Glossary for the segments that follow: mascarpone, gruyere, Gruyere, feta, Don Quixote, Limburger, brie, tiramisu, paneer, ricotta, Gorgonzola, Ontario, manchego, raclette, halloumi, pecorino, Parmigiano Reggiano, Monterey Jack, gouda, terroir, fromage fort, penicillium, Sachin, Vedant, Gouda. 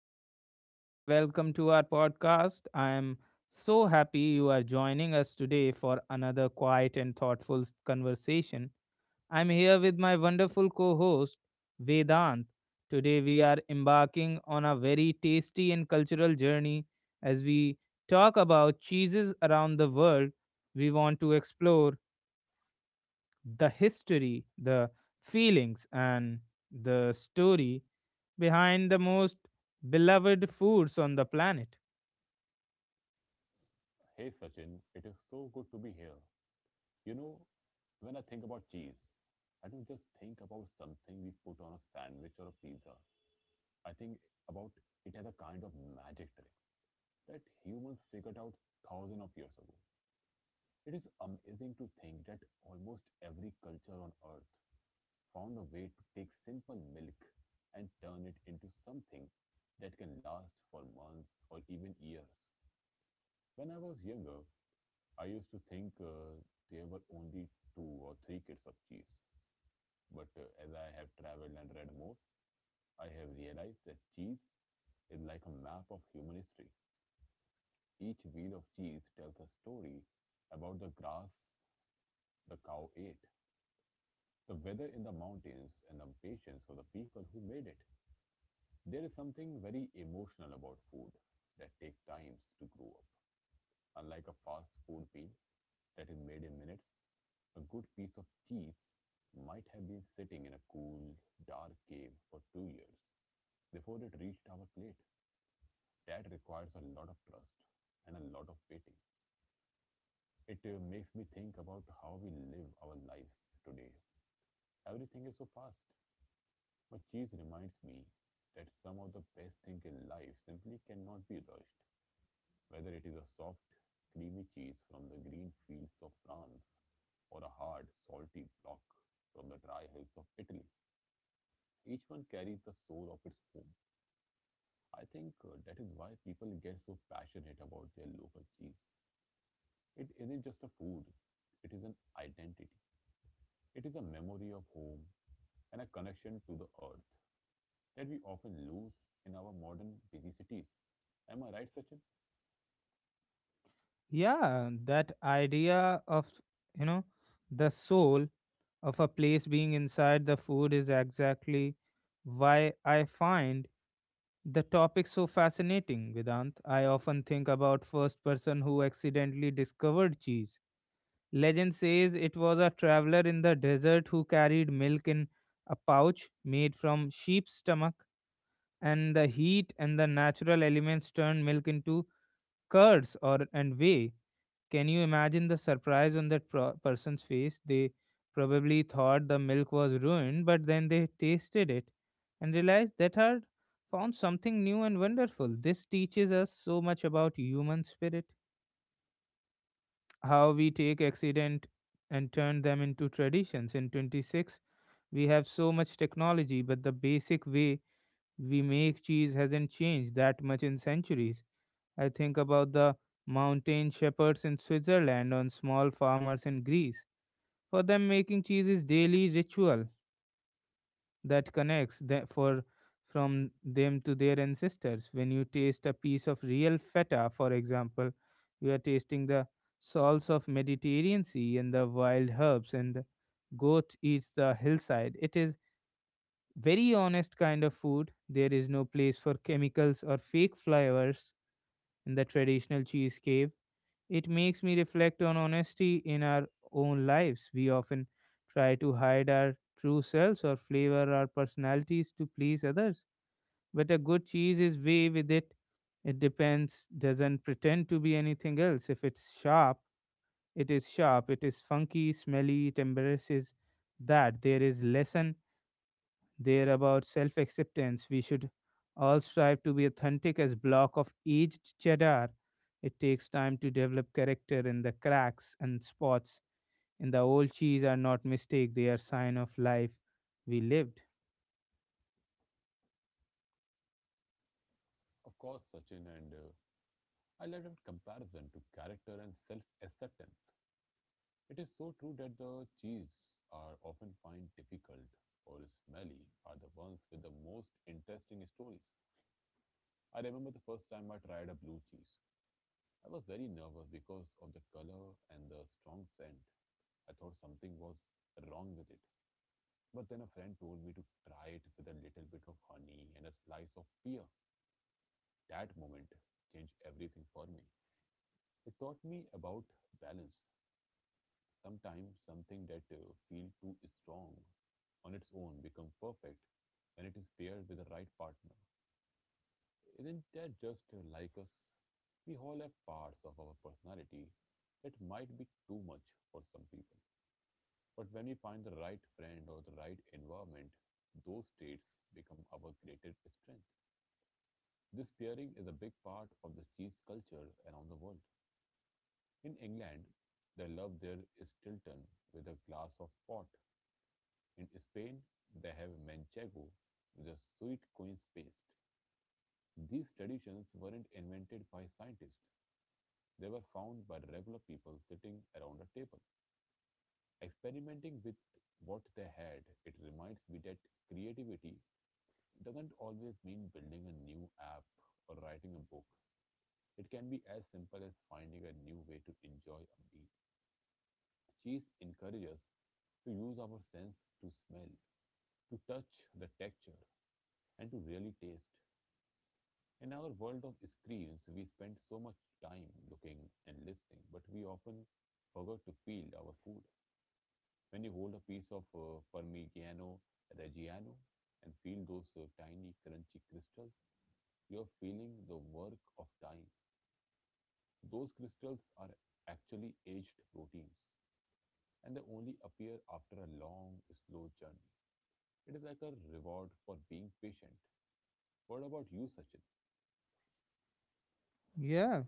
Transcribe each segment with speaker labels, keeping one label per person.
Speaker 1: Hello, everyone, and welcome to our podcast. I am so happy you are joining us today for another quiet and thoughtful conversation. I'm here with my wonderful co host, Vedant. Today, we are embarking on a very tasty and cultural journey as we talk about cheeses around the world. We want to explore the history, the feelings, and the story behind the most beloved foods on the planet.
Speaker 2: Hey Sachin, it is so good to be here. You know, when I think about cheese, I don't just think about something we put on a sandwich or a pizza. I think about it as a kind of magic trick that humans figured out thousands of years ago. It is amazing to think that almost every culture on earth found a way to take simple milk and turn it into something that can last for months or even years. When I was younger, I used to think there were only two or three kinds of cheese, but as I have traveled and read more, I have realized that cheese is like a map of human history. Each wheel of cheese tells a story about the grass the cow ate, the weather in the mountains, and the patience of the people who made it. There is something very emotional about food that takes times to grow up. Unlike a fast food meal that is made in minutes, a good piece of cheese might have been sitting in a cool, dark cave for 2 years before it reached our plate. That requires a lot of trust and a lot of waiting. It makes me think about how we live our lives today. Everything is so fast, but cheese reminds me that some of the best things in life simply cannot be rushed, whether it is a soft, creamy cheese from the green fields of France or a hard, salty block from the dry hills of Italy. Each one carries the soul of its home. I think that is why people get so passionate about their local cheese. It isn't just a food, it is an identity. It is a memory of home and a connection to the earth that we often lose in our modern busy cities. Am I right, Sachin?
Speaker 1: Yeah, that idea of, you know, the soul of a place being inside the food is exactly why I find the topic so fascinating, Vedant. I often think about first person who accidentally discovered cheese. Legend says it was a traveler in the desert who carried milk in a pouch made from sheep's stomach, and the heat and the natural elements turned milk into curds or and whey. Can you imagine the surprise on that person's face? They probably thought the milk was ruined, but then they tasted it and realized that had found something new and wonderful. This teaches us so much about human spirit, how we take accident and turn them into traditions. In 26, we have so much technology, but the basic way we make cheese hasn't changed that much in centuries. I think about the mountain shepherds in Switzerland on small farmers in Greece. For them, making cheese is daily ritual that connects the, for from them to their ancestors. When you taste a piece of real feta, for example, you are tasting the salts of Mediterranean Sea and the wild herbs and the goat eats the hillside. It is very honest kind of food. There is no place for chemicals or fake flavors in the traditional cheesecake. It makes me reflect on honesty in our own lives. We often try to hide our true selves or flavor our personalities to please others. But a good cheese is way with it. It depends, doesn't pretend to be anything else. If it's sharp. It is funky, smelly, it embarrasses that. There is lesson they're about self acceptance. We should all strive to be authentic as block of aged cheddar. It takes time to develop character and the cracks and spots in the old cheese are not mistake, they are sign of life we lived.
Speaker 2: Of course, Sachin, and I love comparison to character and self acceptance. It is so true that the cheese are often find difficult or smelly are the ones with the most interesting stories. I remember the first time I tried a blue cheese. I was very nervous because of the color and the strong scent. I thought something was wrong with it. But then a friend told me to try it with a little bit of honey and a slice of pear. That moment changed everything for me. It taught me about balance. Sometimes something that feel too strong on its own becomes perfect when it is paired with the right partner. Isn't that just like us? We all have parts of our personality that might be too much for some people. But when we find the right friend or the right environment, those traits become our greatest strength. This pairing is a big part of the cheese culture around the world. In England, they love their Stilton with a glass of port. In Spain, they have manchego, the sweet queen's paste. These traditions weren't invented by scientists. They were found by regular people sitting around a table, experimenting with what they had. It reminds me that creativity doesn't always mean building a new app or writing a book. It can be as simple as finding a new way to enjoy a meal. Cheese encourages us to use our sense to smell, to touch the texture, and to really taste. In our world of screens, we spend so much time looking and listening, but we often forget to feel our food. When you hold a piece of Parmigiano Reggiano and feel those tiny crunchy crystals, you're feeling the work of time. Those crystals are actually aged proteins, and they only appear after a long, slow journey. It is like a reward for being patient. What about you, Sachin?
Speaker 1: Yeah.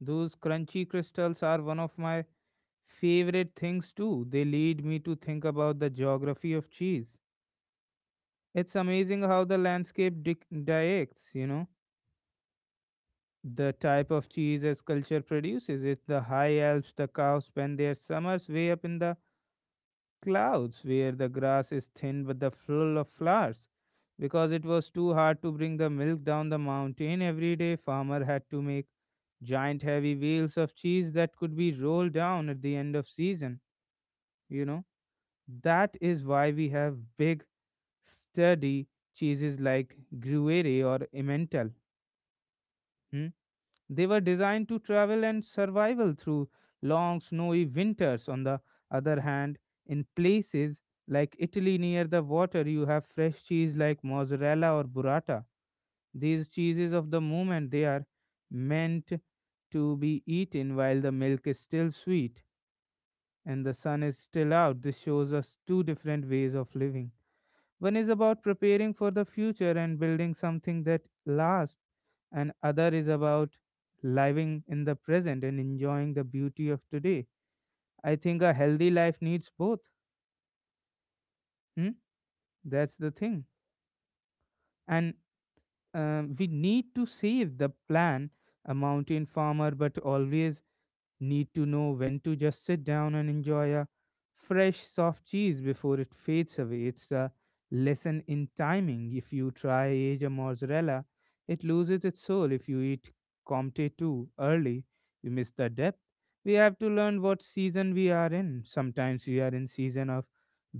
Speaker 1: Those crunchy crystals are one of my favorite things too. They lead me to think about the geography of cheese. It's amazing how the landscape directs. You know. The type of cheese as culture produces it, the high Alps, the cows spend their summers way up in the clouds where the grass is thin but the full of flowers. Because it was too hard to bring the milk down the mountain every day, farmer had to make giant heavy wheels of cheese that could be rolled down at the end of season you know that is why we have big sturdy cheeses like gruyere or emmental. Hmm? They were designed to travel and survival through long snowy winters. On the other hand, in places like Italy near the water, you have fresh cheese like mozzarella or burrata. These cheeses of the moment, they are meant to be eaten while the milk is still sweet and the sun is still out. This shows us two different ways of living. One is about preparing for the future and building something that lasts, and other is about living in the present and enjoying the beauty of today. I think a healthy life needs both. Hmm? That's the thing. And we need to save the plan, a mountain farmer, but always need to know when to just sit down and enjoy a fresh, soft cheese before it fades away. It's a lesson in timing. If you try aged mozzarella, it loses its soul. If you eat Comte too early, you miss the depth. We have to learn what season we are in. Sometimes we are in season of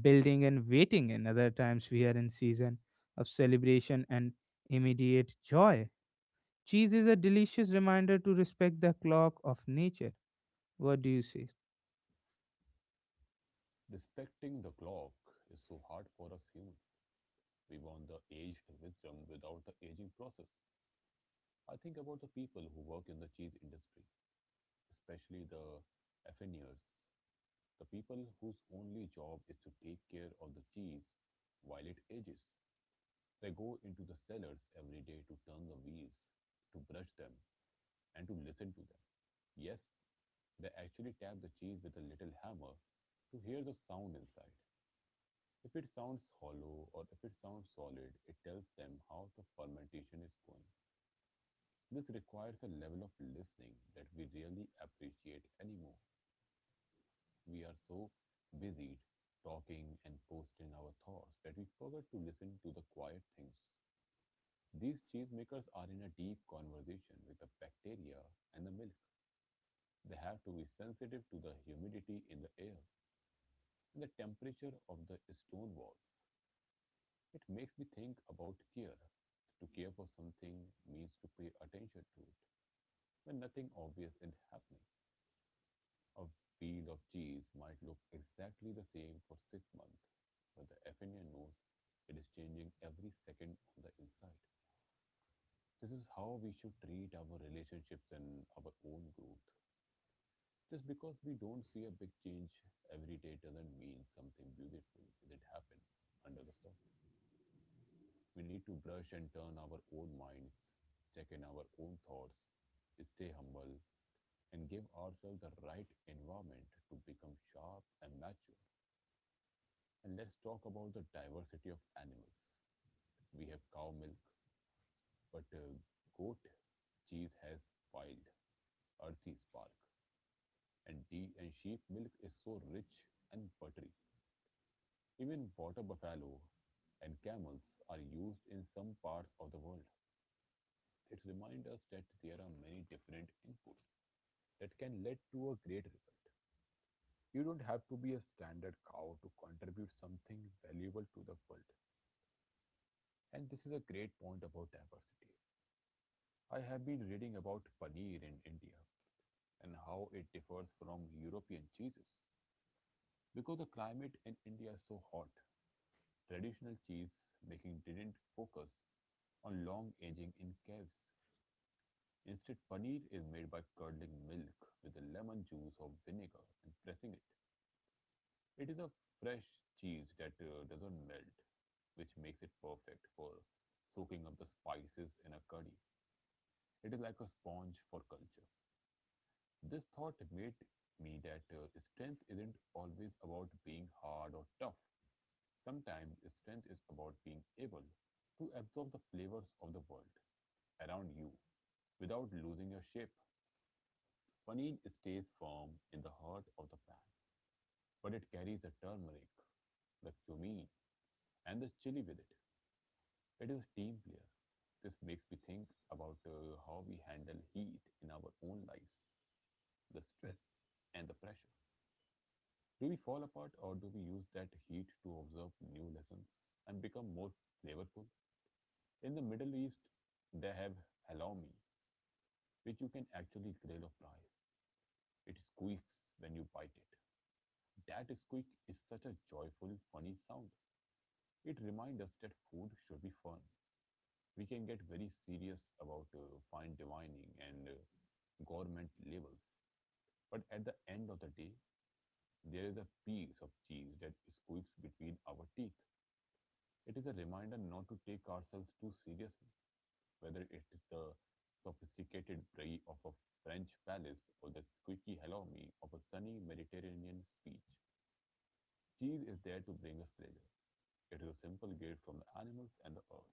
Speaker 1: building and waiting, and other times we are in season of celebration and immediate joy. Cheese is a delicious reminder to respect the clock of nature. What do you say?
Speaker 2: Respecting the clock is so hard for us humans. We want the aged wisdom without the aging process. I think about the people who work in the cheese industry, especially the affineurs, the people whose only job is to take care of the cheese while it ages. They go into the cellars every day to turn the wheels, to brush them, and to listen to them. Yes, they actually tap the cheese with a little hammer to hear the sound inside. If it sounds hollow or if it sounds solid, it tells them how the fermentation is going. This requires a level of listening that we really appreciate anymore. We are so busy talking and posting our thoughts that we forget to listen to the quiet things. These cheesemakers are in a deep conversation with the bacteria and the milk. They have to be sensitive to the humidity in the air and the temperature of the stone walls. It makes me think about care. To care for something means to pay attention to it when nothing obvious is happening. A field of cheese might look exactly the same for 6 months, but the Athenian knows it is changing every second on the inside. This is how we should treat our relationships and our own growth. Just because we don't see a big change every day doesn't mean something beautiful didn't happen under the surface. We need to brush and turn our own minds, check in our own thoughts, stay humble, and give ourselves the right environment to become sharp and mature. And let's talk about the diversity of animals. We have cow milk, but goat cheese has wild, earthy spark, and sheep milk is so rich and buttery. Even water buffalo and camels are used in some parts of the world. It reminds us that there are many different inputs that can lead to a great result. You don't have to be a standard cow to contribute something valuable to the world. And this is a great point about diversity. I have been reading about paneer in India and how it differs from European cheeses. Because the climate in India is so hot, traditional cheese making didn't focus on long aging in caves. Instead, paneer is made by curdling milk with the lemon juice or vinegar and pressing it. It is a fresh cheese that doesn't melt, which makes it perfect for soaking up the spices in a curry. It is like a sponge for culture. This thought made me that strength isn't always about being hard or tough. Sometimes strength is about being able to absorb the flavors of the world around you without losing your shape. Paneer stays firm in the heart of the pan, but it carries the turmeric, the cumin, and the chili with it. It is a team player. This makes me think about how we handle heat in our own lives, the stress and the pressure. Do we fall apart or do we use that heat to observe new lessons and become more flavorful? In the Middle East, they have halloumi, which you can actually grill or fry. It squeaks when you bite it. That squeak is such a joyful, funny sound. It reminds us that food should be fun. We can get very serious about fine dining and government labels. But at the end of the day, there is a piece of cheese that squeaks between our teeth. It is a reminder not to take ourselves too seriously, whether it is the sophisticated brie of a French palace or the squeaky hello me of a sunny Mediterranean beach. Cheese is there to bring us pleasure. It is a simple gift from the animals and the earth.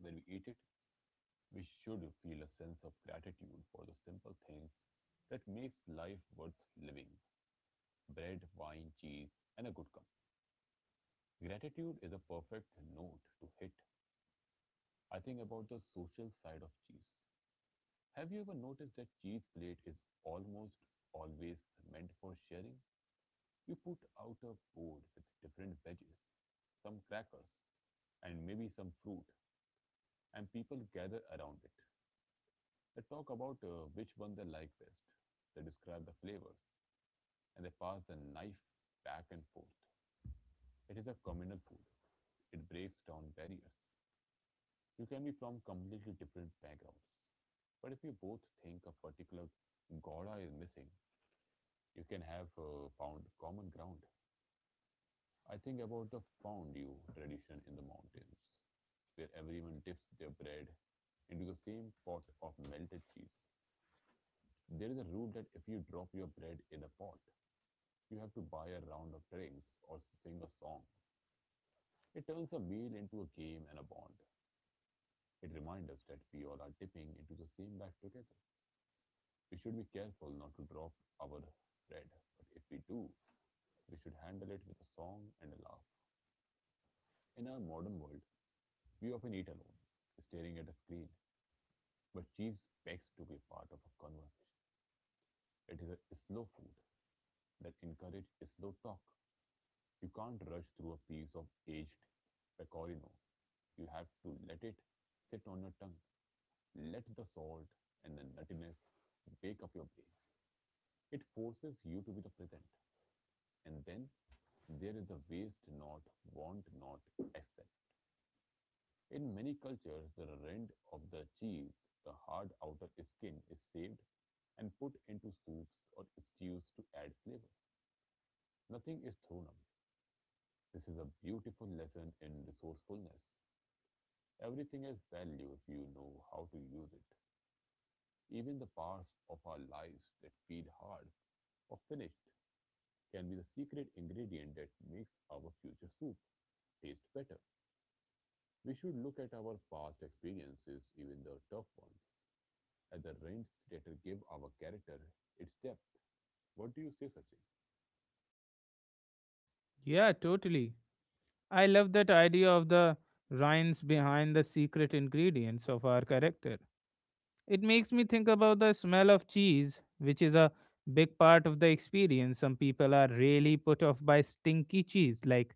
Speaker 2: When we eat it, we should feel a sense of gratitude for the simple things that makes life worth living: bread, wine, cheese, and a good company. Gratitude is a perfect note to hit. I think about the social side of cheese. Have you ever noticed that cheese plate is almost always meant for sharing? You put out a board with different veggies, some crackers, and maybe some fruit, and people gather around it. They talk about which one they like best. They describe the flavors, and they pass the knife back and forth. It is a communal food. It breaks down barriers. You can be from completely different backgrounds, but if you both think a particular gouda is missing, you can have found common ground. I think about the fondue tradition in the mountains, where everyone dips their bread into the same pot of melted cheese. There is a rule that if you drop your bread in a pot, you have to buy a round of drinks or sing a song. It turns a meal into a game and a bond. It reminds us that we all are dipping into the same life together. We should be careful not to drop our bread, but if we do, we should handle it with a song and a laugh. In our modern world, we often eat alone, staring at a screen, but cheese begs to be part of a conversation. It is a slow food that encourages slow talk. You can't rush through a piece of aged pecorino. You have to let it sit on your tongue. Let the salt and the nuttiness wake up your brain. It forces you to be the present. And then there is the waste not, want not, accept. In many cultures, the rind of the cheese, the hard outer skin, is saved and put into soups or stews to add flavor. Nothing is thrown away. This is a beautiful lesson in resourcefulness. Everything has value if you know how to use it. Even the parts of our lives that feel hard or finished can be the secret ingredient that makes our future soup taste better. We should look at our past experiences, even the tough ones, and the range theatre give our character its depth. What do you say, Sachin?
Speaker 1: Yeah, totally. I love that idea of the rhymes behind the secret ingredients of our character. It makes me think about the smell of cheese, which is a big part of the experience. Some people are really put off by stinky cheese, like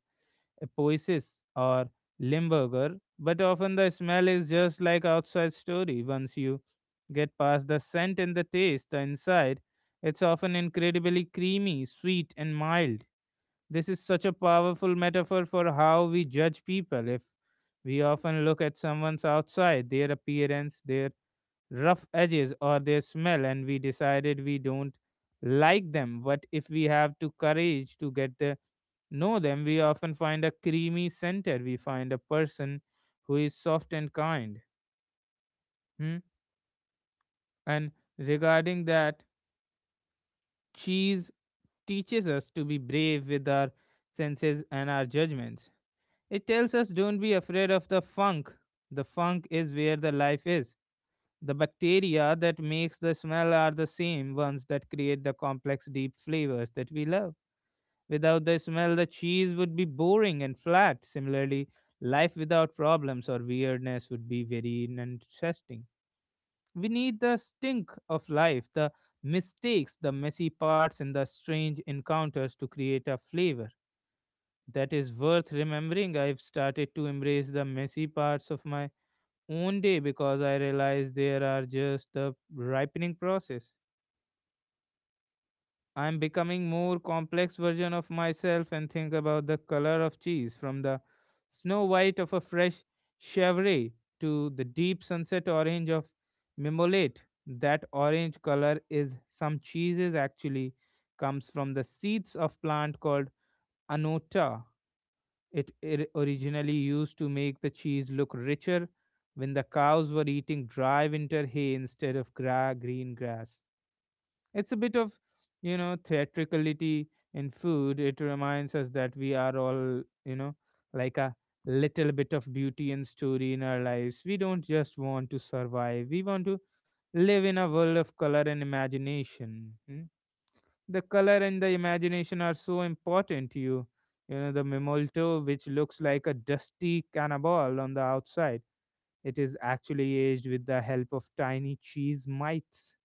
Speaker 1: Epoisis or Limburger, but often the smell is just like outside story. Once you get past the scent and the taste, the inside, it's often incredibly creamy, sweet, and mild. This is such a powerful metaphor for how we judge people. If we often look at someone's outside, their appearance, their rough edges, or their smell, and we decided we don't like them. But if we have to courage to get to know them, we often find a creamy center. We find a person who is soft and kind. Hmm? And regarding that, cheese teaches us to be brave with our senses and our judgments. It tells us don't be afraid of the funk. The funk is where the life is. The bacteria that makes the smell are the same ones that create the complex deep flavors that we love. Without the smell, the cheese would be boring and flat. Similarly, life without problems or weirdness would be very uninteresting. We need the stink of life, the mistakes, the messy parts, and the strange encounters to create a flavor that is worth remembering. I've started to embrace the messy parts of my own day because I realize there are just the ripening process. I'm becoming more complex version of myself and think about the color of cheese from the snow white of a fresh chevre to the deep sunset orange of mimolate. That orange color is some cheeses actually comes from the seeds of plant called anota. It originally used to make the cheese look richer when the cows were eating dry winter hay instead of green grass. It's a bit of theatricality in food. It reminds us that we are all like a little bit of beauty and story in our lives. We don't just want to survive, we want to live in a world of color and imagination. Hmm? The color and the imagination are so important to you. You know the memolto, which looks like a dusty cannibal on the outside, it is actually aged with the help of tiny cheese mites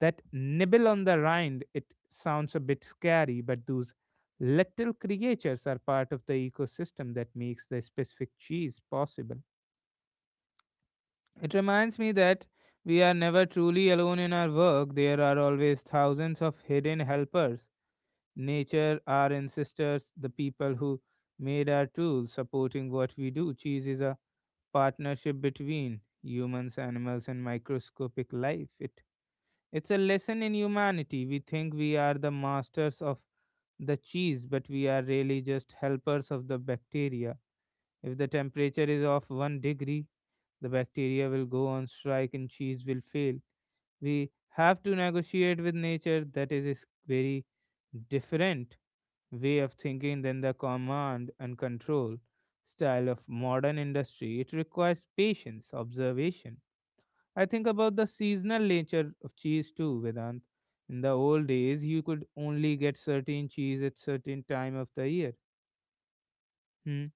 Speaker 1: that nibble on the rind. It sounds a bit scary, but those little creatures are part of the ecosystem that makes the specific cheese possible. It reminds me that we are never truly alone in our work. There are always thousands of hidden helpers. Nature, our ancestors, the people who made our tools, supporting what we do. Cheese is a partnership between humans, animals, and microscopic life. It's a lesson in humanity. We think we are the masters of the cheese, but we are really just helpers of the bacteria. If the temperature is off one degree, the bacteria will go on strike and cheese will fail. We have to negotiate with nature. That is a very different way of thinking than the command and control style of modern industry. It requires patience, observation. I think about the seasonal nature of cheese too, Vedant. In the old days, you could only get certain cheese at certain time of the year. Hmm.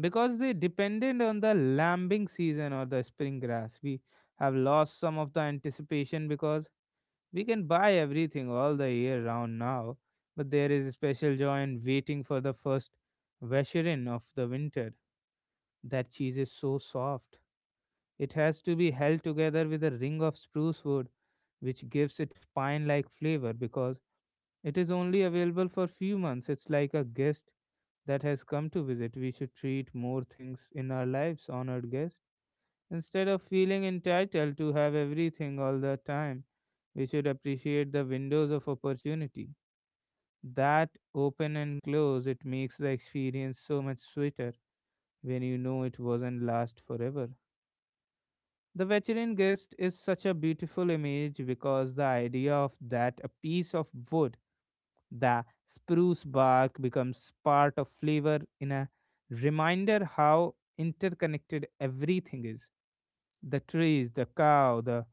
Speaker 1: Because they depended on the lambing season or the spring grass. We have lost some of the anticipation because we can buy everything all the year round now, but there is a special joy in waiting for the first vesherin of the winter. That cheese is so soft. It has to be held together with a ring of spruce wood, which gives it pine like flavor because it is only available for few months. It's like a guest that has come to visit. We should treat more things in our lives, honored guest. Instead of feeling entitled to have everything all the time, we should appreciate the windows of opportunity. That open and close, it makes the experience so much sweeter when you know it wasn't last forever. The veteran guest is such a beautiful image because the idea of that a piece of wood, the spruce bark, becomes part of flavor in a reminder how interconnected everything is. The trees, the cow, the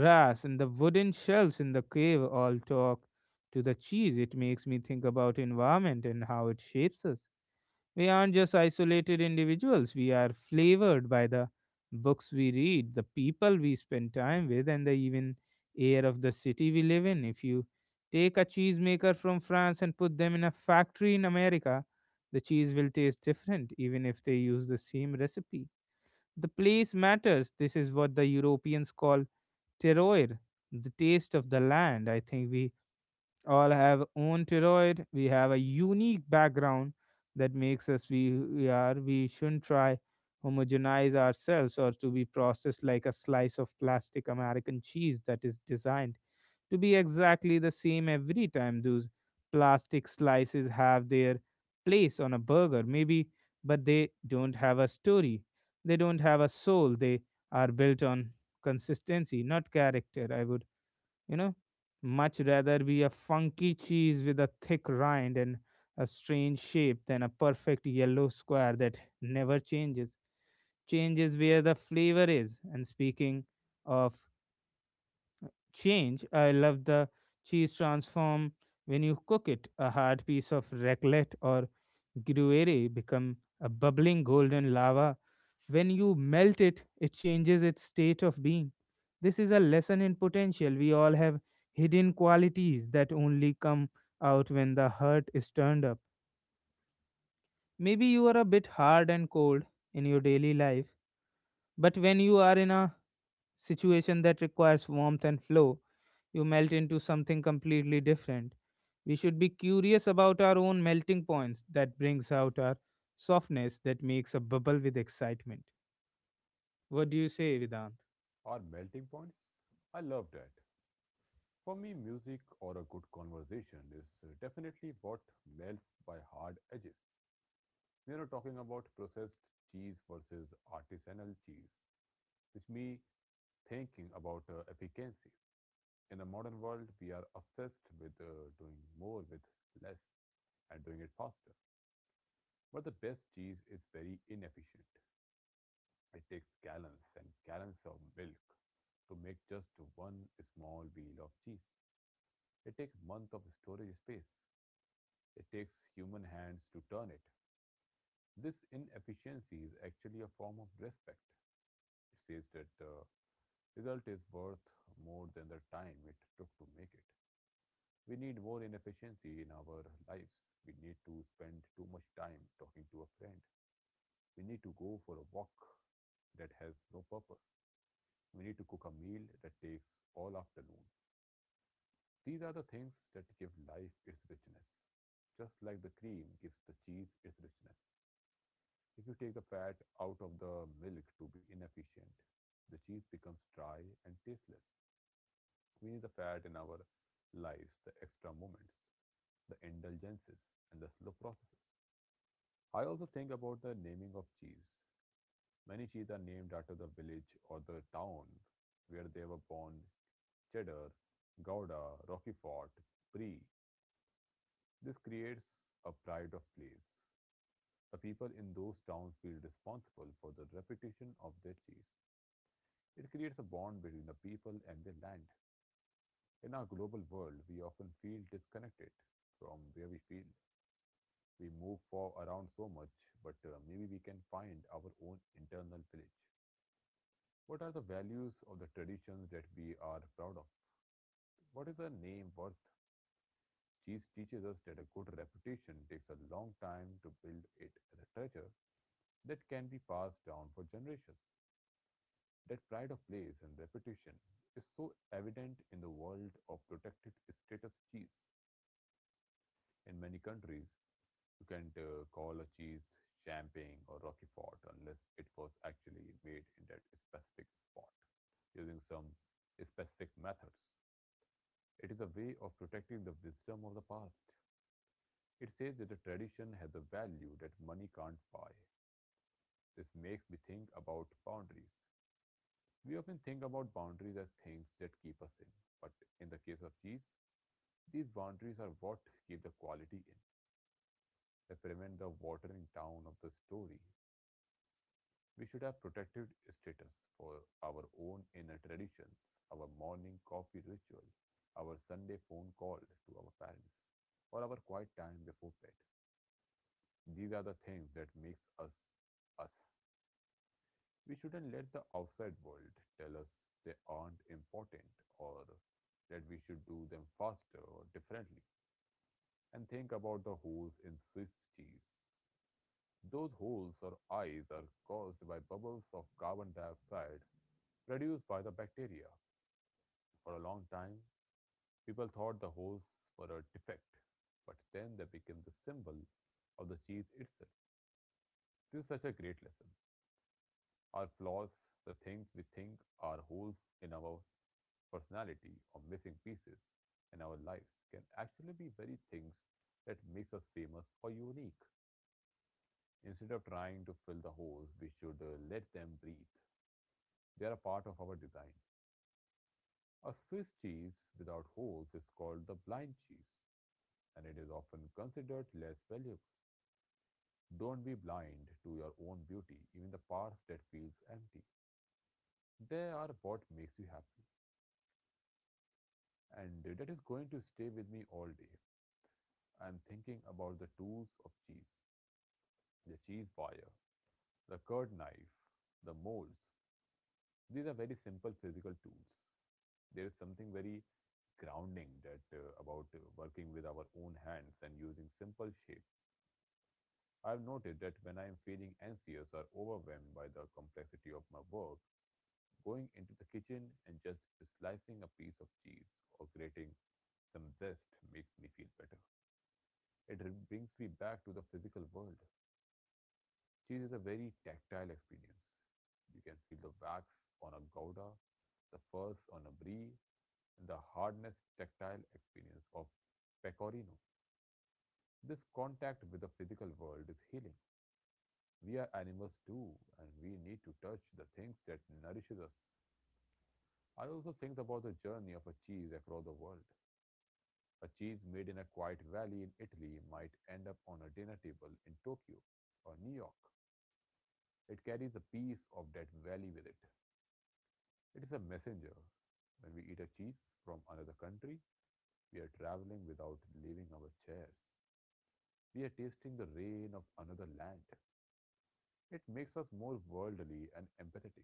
Speaker 1: grass, and the wooden shelves in the cave all talk to the cheese. It makes me think about environment and how it shapes us. We aren't just isolated individuals, we are flavored by the books we read, the people we spend time with, and the even air of the city we live in. If you take a cheesemaker from France and put them in a factory in America, the cheese will taste different, even if they use the same recipe. The place matters. This is what the Europeans call terroir, the taste of the land. I think we all have own thyroid. We have a unique background that makes us we are. We shouldn't try homogenize ourselves or to be processed like a slice of plastic American cheese that is designed to be exactly the same every time. Those plastic slices have their place on a burger, maybe, but they don't have a story. They don't have a soul. They are built on consistency, not character. I would you know much rather be a funky cheese with a thick rind and a strange shape than a perfect yellow square that never changes where the flavor is. And speaking of change, I love the cheese transform when you cook it. A hard piece of raclette or Gruere become a bubbling golden lava. When you melt it, it changes its state of being. This is a lesson in potential. We all have hidden qualities that only come out when the heart is turned up. Maybe you are a bit hard and cold in your daily life, but when you are in a situation that requires warmth and flow, you melt into something completely different. We should be curious about our own melting points that brings out our softness that makes a bubble with excitement. What do you say, Vedant?
Speaker 2: Our melting points? I love that. For me, music or a good conversation is definitely what melts by hard edges. We are not talking about processed cheese versus artisanal cheese, which me thinking about efficiency. In the modern world, we are obsessed with doing more with less and doing it faster. But the best cheese is very inefficient. It takes gallons and gallons of milk to make just one small wheel of cheese. It takes months of storage space. It takes human hands to turn it. This inefficiency is actually a form of respect. It says that the result is worth more than the time it took to make it. We need more inefficiency in our lives. We need to spend too much time talking to a friend. We need to go for a walk that has no purpose. We need to cook a meal that takes all afternoon. These are the things that give life its richness, just like the cream gives the cheese its richness. If you take the fat out of the milk to be inefficient, the cheese becomes dry and tasteless. We need the fat in our lives, the extra moments, the indulgences, and the slow processes. I also think about the naming of cheese. Many cheese are named after the village or the town where they were born: cheddar, gouda, roquefort, brie. This creates a pride of place. The people in those towns feel responsible for the reputation of their cheese. It creates a bond between the people and their land. In our global world, we often feel disconnected from where we feel. We move for around so much, but maybe we can find our own internal village. What are the values or the traditions that we are proud of? What is a name worth? Cheese teaches us that a good reputation takes a long time to build it as a treasure that can be passed down for generations. That pride of place and reputation is so evident in the world of protected status cheese. In many countries, you can't call a cheese champagne or roquefort unless it was actually made in that specific spot using some specific methods. It is a way of protecting the wisdom of the past. It says that a tradition has a value that money can't buy. This makes me think about boundaries. We often think about boundaries as things that keep us in, but in the case of cheese, these boundaries are what keep the quality in. They prevent the watering down of the story. We should have protected status for our own inner traditions, our morning coffee ritual, our Sunday phone call to our parents, or our quiet time before bed. These are the things that makes us us. We shouldn't let the outside world tell us they aren't important or that we should do them faster or differently. And think about the holes in Swiss cheese. Those holes or eyes are caused by bubbles of carbon dioxide produced by the bacteria. For a long time, people thought the holes were a defect, but then they became the symbol of the cheese itself. This is such a great lesson. Our flaws, the things we think are holes in our personality, or missing pieces in our lives can actually be very things that makes us famous or unique. Instead of trying to fill the holes, we should let them breathe. They are a part of our design. A Swiss cheese without holes is called the blind cheese, and it is often considered less valuable. Don't be blind to your own beauty, even the parts that feels empty. They are what makes you happy, and that is going to stay with me all day. I am thinking about the tools of cheese: the cheese wire, the curd knife, the molds. These are very simple physical tools. There is something very grounding that about working with our own hands and using simple shapes. I've noted that when I am feeling anxious or overwhelmed by the complexity of my work, going into the kitchen and just slicing a piece of cheese or grating some zest makes me feel better. It brings me back to the physical world. Cheese is a very tactile experience. You can feel the wax on a gouda, the fuzz on a brie, and the hardness tactile experience of pecorino. This contact with the physical world is healing. We are animals too, and we need to touch the things that nourishes us. I also think about the journey of a cheese across the world. A cheese made in a quiet valley in Italy might end up on a dinner table in Tokyo or New York. It carries a piece of that valley with it. It is a messenger. When we eat a cheese from another country, we are traveling without leaving our chairs. We are tasting the rain of another land. It makes us more worldly and empathetic.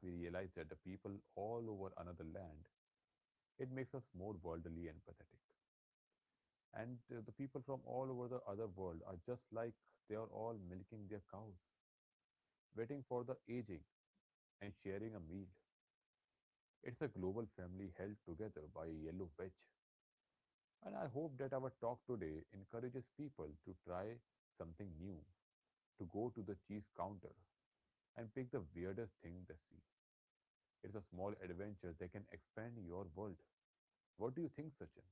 Speaker 2: We realize that the people all over another land, it makes us more worldly and empathetic. And the people from all over the other world are just like they are all milking their cows, waiting for the aging and sharing a meal. It's a global family held together by a yellow wedge. And I hope that our talk today encourages people to try something new, to go to the cheese counter and pick the weirdest thing they see. It's a small adventure that can expand your world. What do you think, Sachin?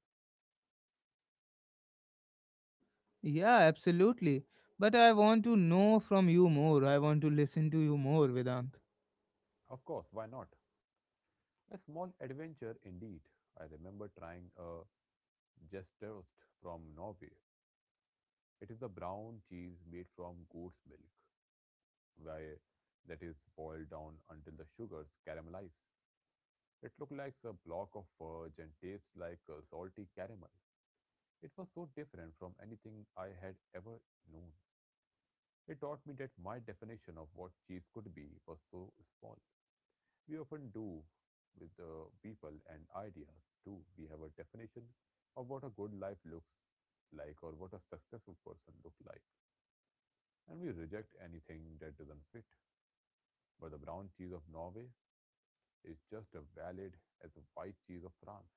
Speaker 1: Yeah, absolutely. But I want to know from you more. I want to listen to you more, Vedant.
Speaker 2: Of course, why not? A small adventure indeed. I remember trying a gestost from Norway. It is a brown cheese made from goat's milk, where that is boiled down until the sugars caramelize. It looked like a block of fudge and tasted like a salty caramel. It was so different from anything I had ever known. It taught me that my definition of what cheese could be was so small. We often do with the people and ideas too. We have a definition of what a good life looks like or what a successful person looks like. And we reject anything that doesn't fit. But the brown cheese of Norway is just as valid as the white cheese of France.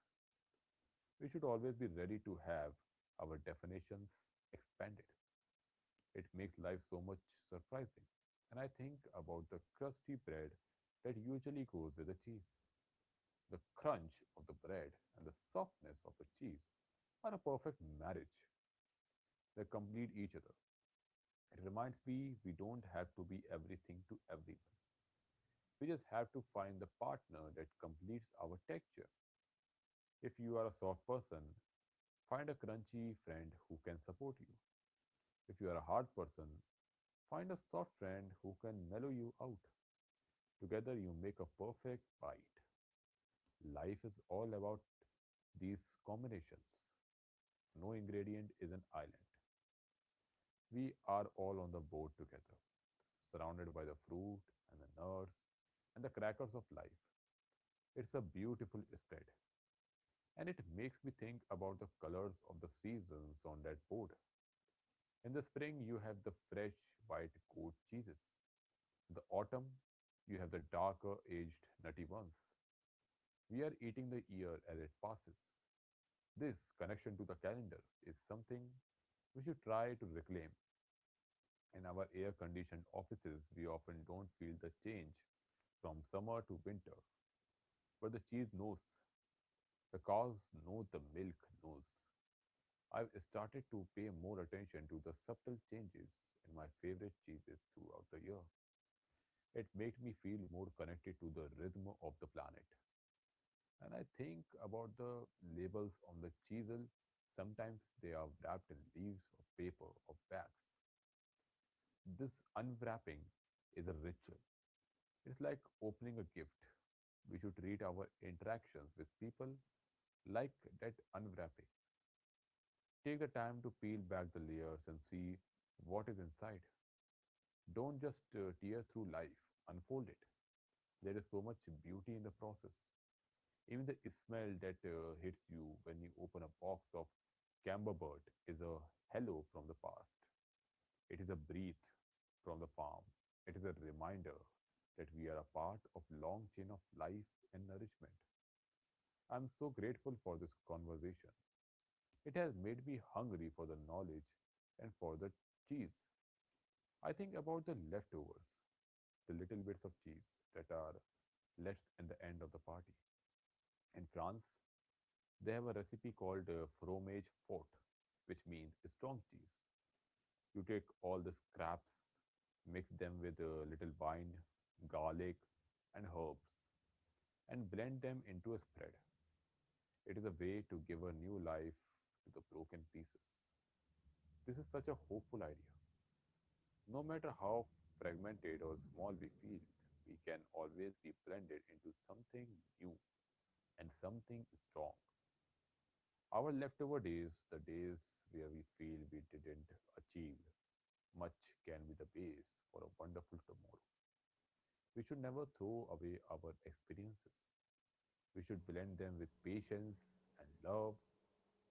Speaker 2: We should always be ready to have our definitions expanded. It makes life so much surprising. And I think about the crusty bread that usually goes with the cheese. The crunch of the bread and the softness of the cheese are a perfect marriage. They complete each other. It reminds me we don't have to be everything to everyone. We just have to find the partner that completes our texture. If you are a soft person, find a crunchy friend who can support you. If you are a hard person, find a soft friend who can mellow you out. Together, you make a perfect bite. Life is all about these combinations. No ingredient is an island. We are all on the boat together, surrounded by the fruit and the nuts and the crackers of life. It's a beautiful spread, and it makes me think about the colors of the seasons on that board. In the spring, you have the fresh white goat cheeses. The autumn, you have the darker aged nutty ones. We are eating the year as it passes. This connection to the calendar is something we should try to reclaim. In our air conditioned offices, we often don't feel the change from summer to winter, but the cheese knows, the cows know, the milk knows. I've started to pay more attention to the subtle changes in my favorite cheeses throughout the year. It made me feel more connected to the rhythm of the planet. And I think about the labels on the chisel. Sometimes they are wrapped in leaves or paper or bags. This unwrapping is a ritual. It's like opening a gift. We should treat our interactions with people like that unwrapping. Take the time to peel back the layers and see what is inside. Don't just tear through life, unfold it. There is so much beauty in the process. Even the smell that hits you when you open a box of camembert is a hello from the past. It is a breath from the farm. It is a reminder that we are a part of a long chain of life and nourishment. I'm so grateful for this conversation. It has made me hungry for the knowledge and for the cheese. I think about the leftovers, the little bits of cheese that are left at the end of the party. In France, they have a recipe called fromage fort, which means strong cheese. You take all the scraps, mix them with a little wine, garlic, and herbs, and blend them into a spread. It is a way to give a new life to the broken pieces. This is such a hopeful idea. No matter how fragmented or small we feel, we can always be blended into something new and something strong. Our leftover days, the days where we feel we didn't achieve much, can be the base for a wonderful tomorrow. We should never throw away our experiences. We should blend them with patience and love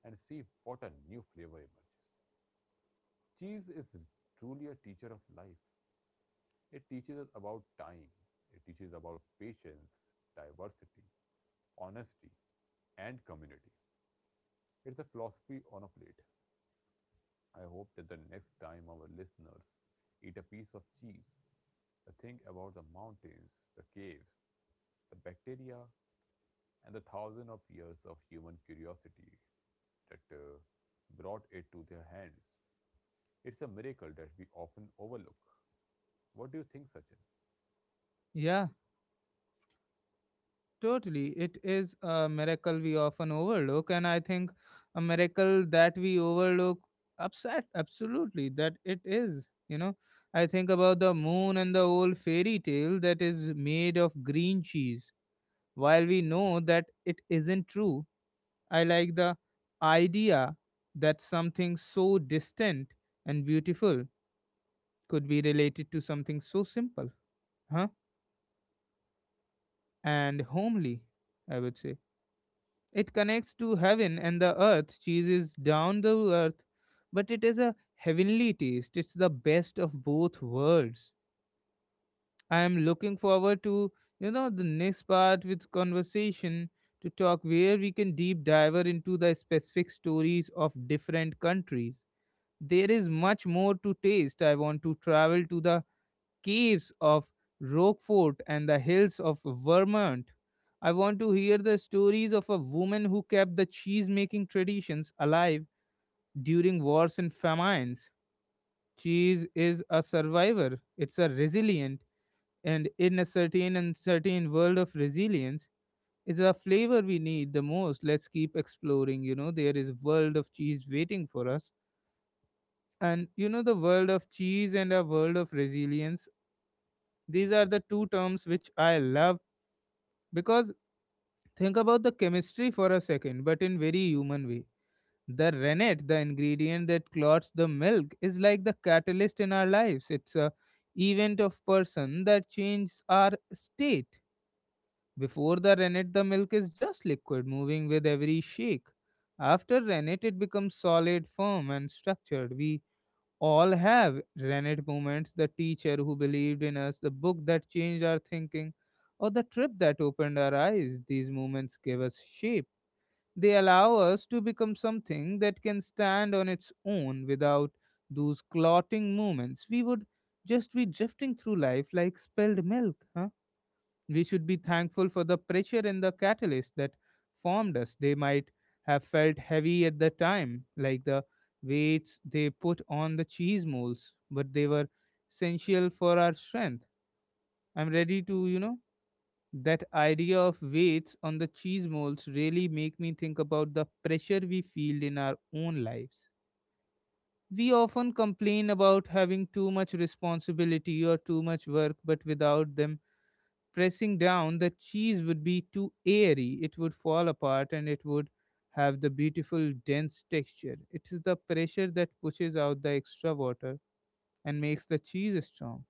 Speaker 2: and see what a new flavor emerges. Cheese is truly a teacher of life. It teaches us about time, it teaches about patience, diversity, honesty, and community. It's a philosophy on a plate. I hope that the next time our listeners eat a piece of cheese, they think about the mountains, the caves, the bacteria, and the thousand of years of human curiosity that brought it to their hands. It's a miracle that we often overlook. What do you think, Sachin?
Speaker 1: Yeah. Totally. It is a miracle we often overlook, and I think a miracle that we overlook upset absolutely that it is, you know. I think about the moon and the old fairy tale that is made of green cheese. While we know that it isn't true, I like the idea that something so distant and beautiful could be related to something so simple, huh? And homely, I would say. It connects to heaven and the earth. Cheese is down the earth, but it is a heavenly taste. It's the best of both worlds. I am looking forward to, the next part with conversation to talk where we can deep dive into the specific stories of different countries. There is much more to taste. I want to travel to the caves of Rockfort and the hills of Vermont. I want to hear the stories of a woman who kept the cheese making traditions alive during wars and famines. Cheese is a survivor, it's a resilient, and in a certain uncertain world of resilience, it's a flavor we need the most. Let's keep exploring. There is a world of cheese waiting for us. And the world of cheese and a world of resilience, these are the two terms which I love. Because think about the chemistry for a second, but in very human way. The rennet, the ingredient that clots the milk, is like the catalyst in our lives. It's a event of person that changes our state. Before the rennet, the milk is just liquid, moving with every shake. After rennet, it becomes solid, firm, and structured. We all have rented moments, the teacher who believed in us, the book that changed our thinking, or the trip that opened our eyes. These moments give us shape. They allow us to become something that can stand on its own. Without those clotting moments, we would just be drifting through life like spilled milk, huh? We should be thankful for the pressure and the catalyst that formed us. They might have felt heavy at the time, like the weights they put on the cheese molds, but they were essential for our strength. I'm ready to, that idea of weights on the cheese molds really make me think about the pressure we feel in our own lives. We often complain about having too much responsibility or too much work, but without them, pressing down, the cheese would be too airy. It would fall apart and it would have the beautiful, dense texture. It is the pressure that pushes out the extra water and makes the cheese strong.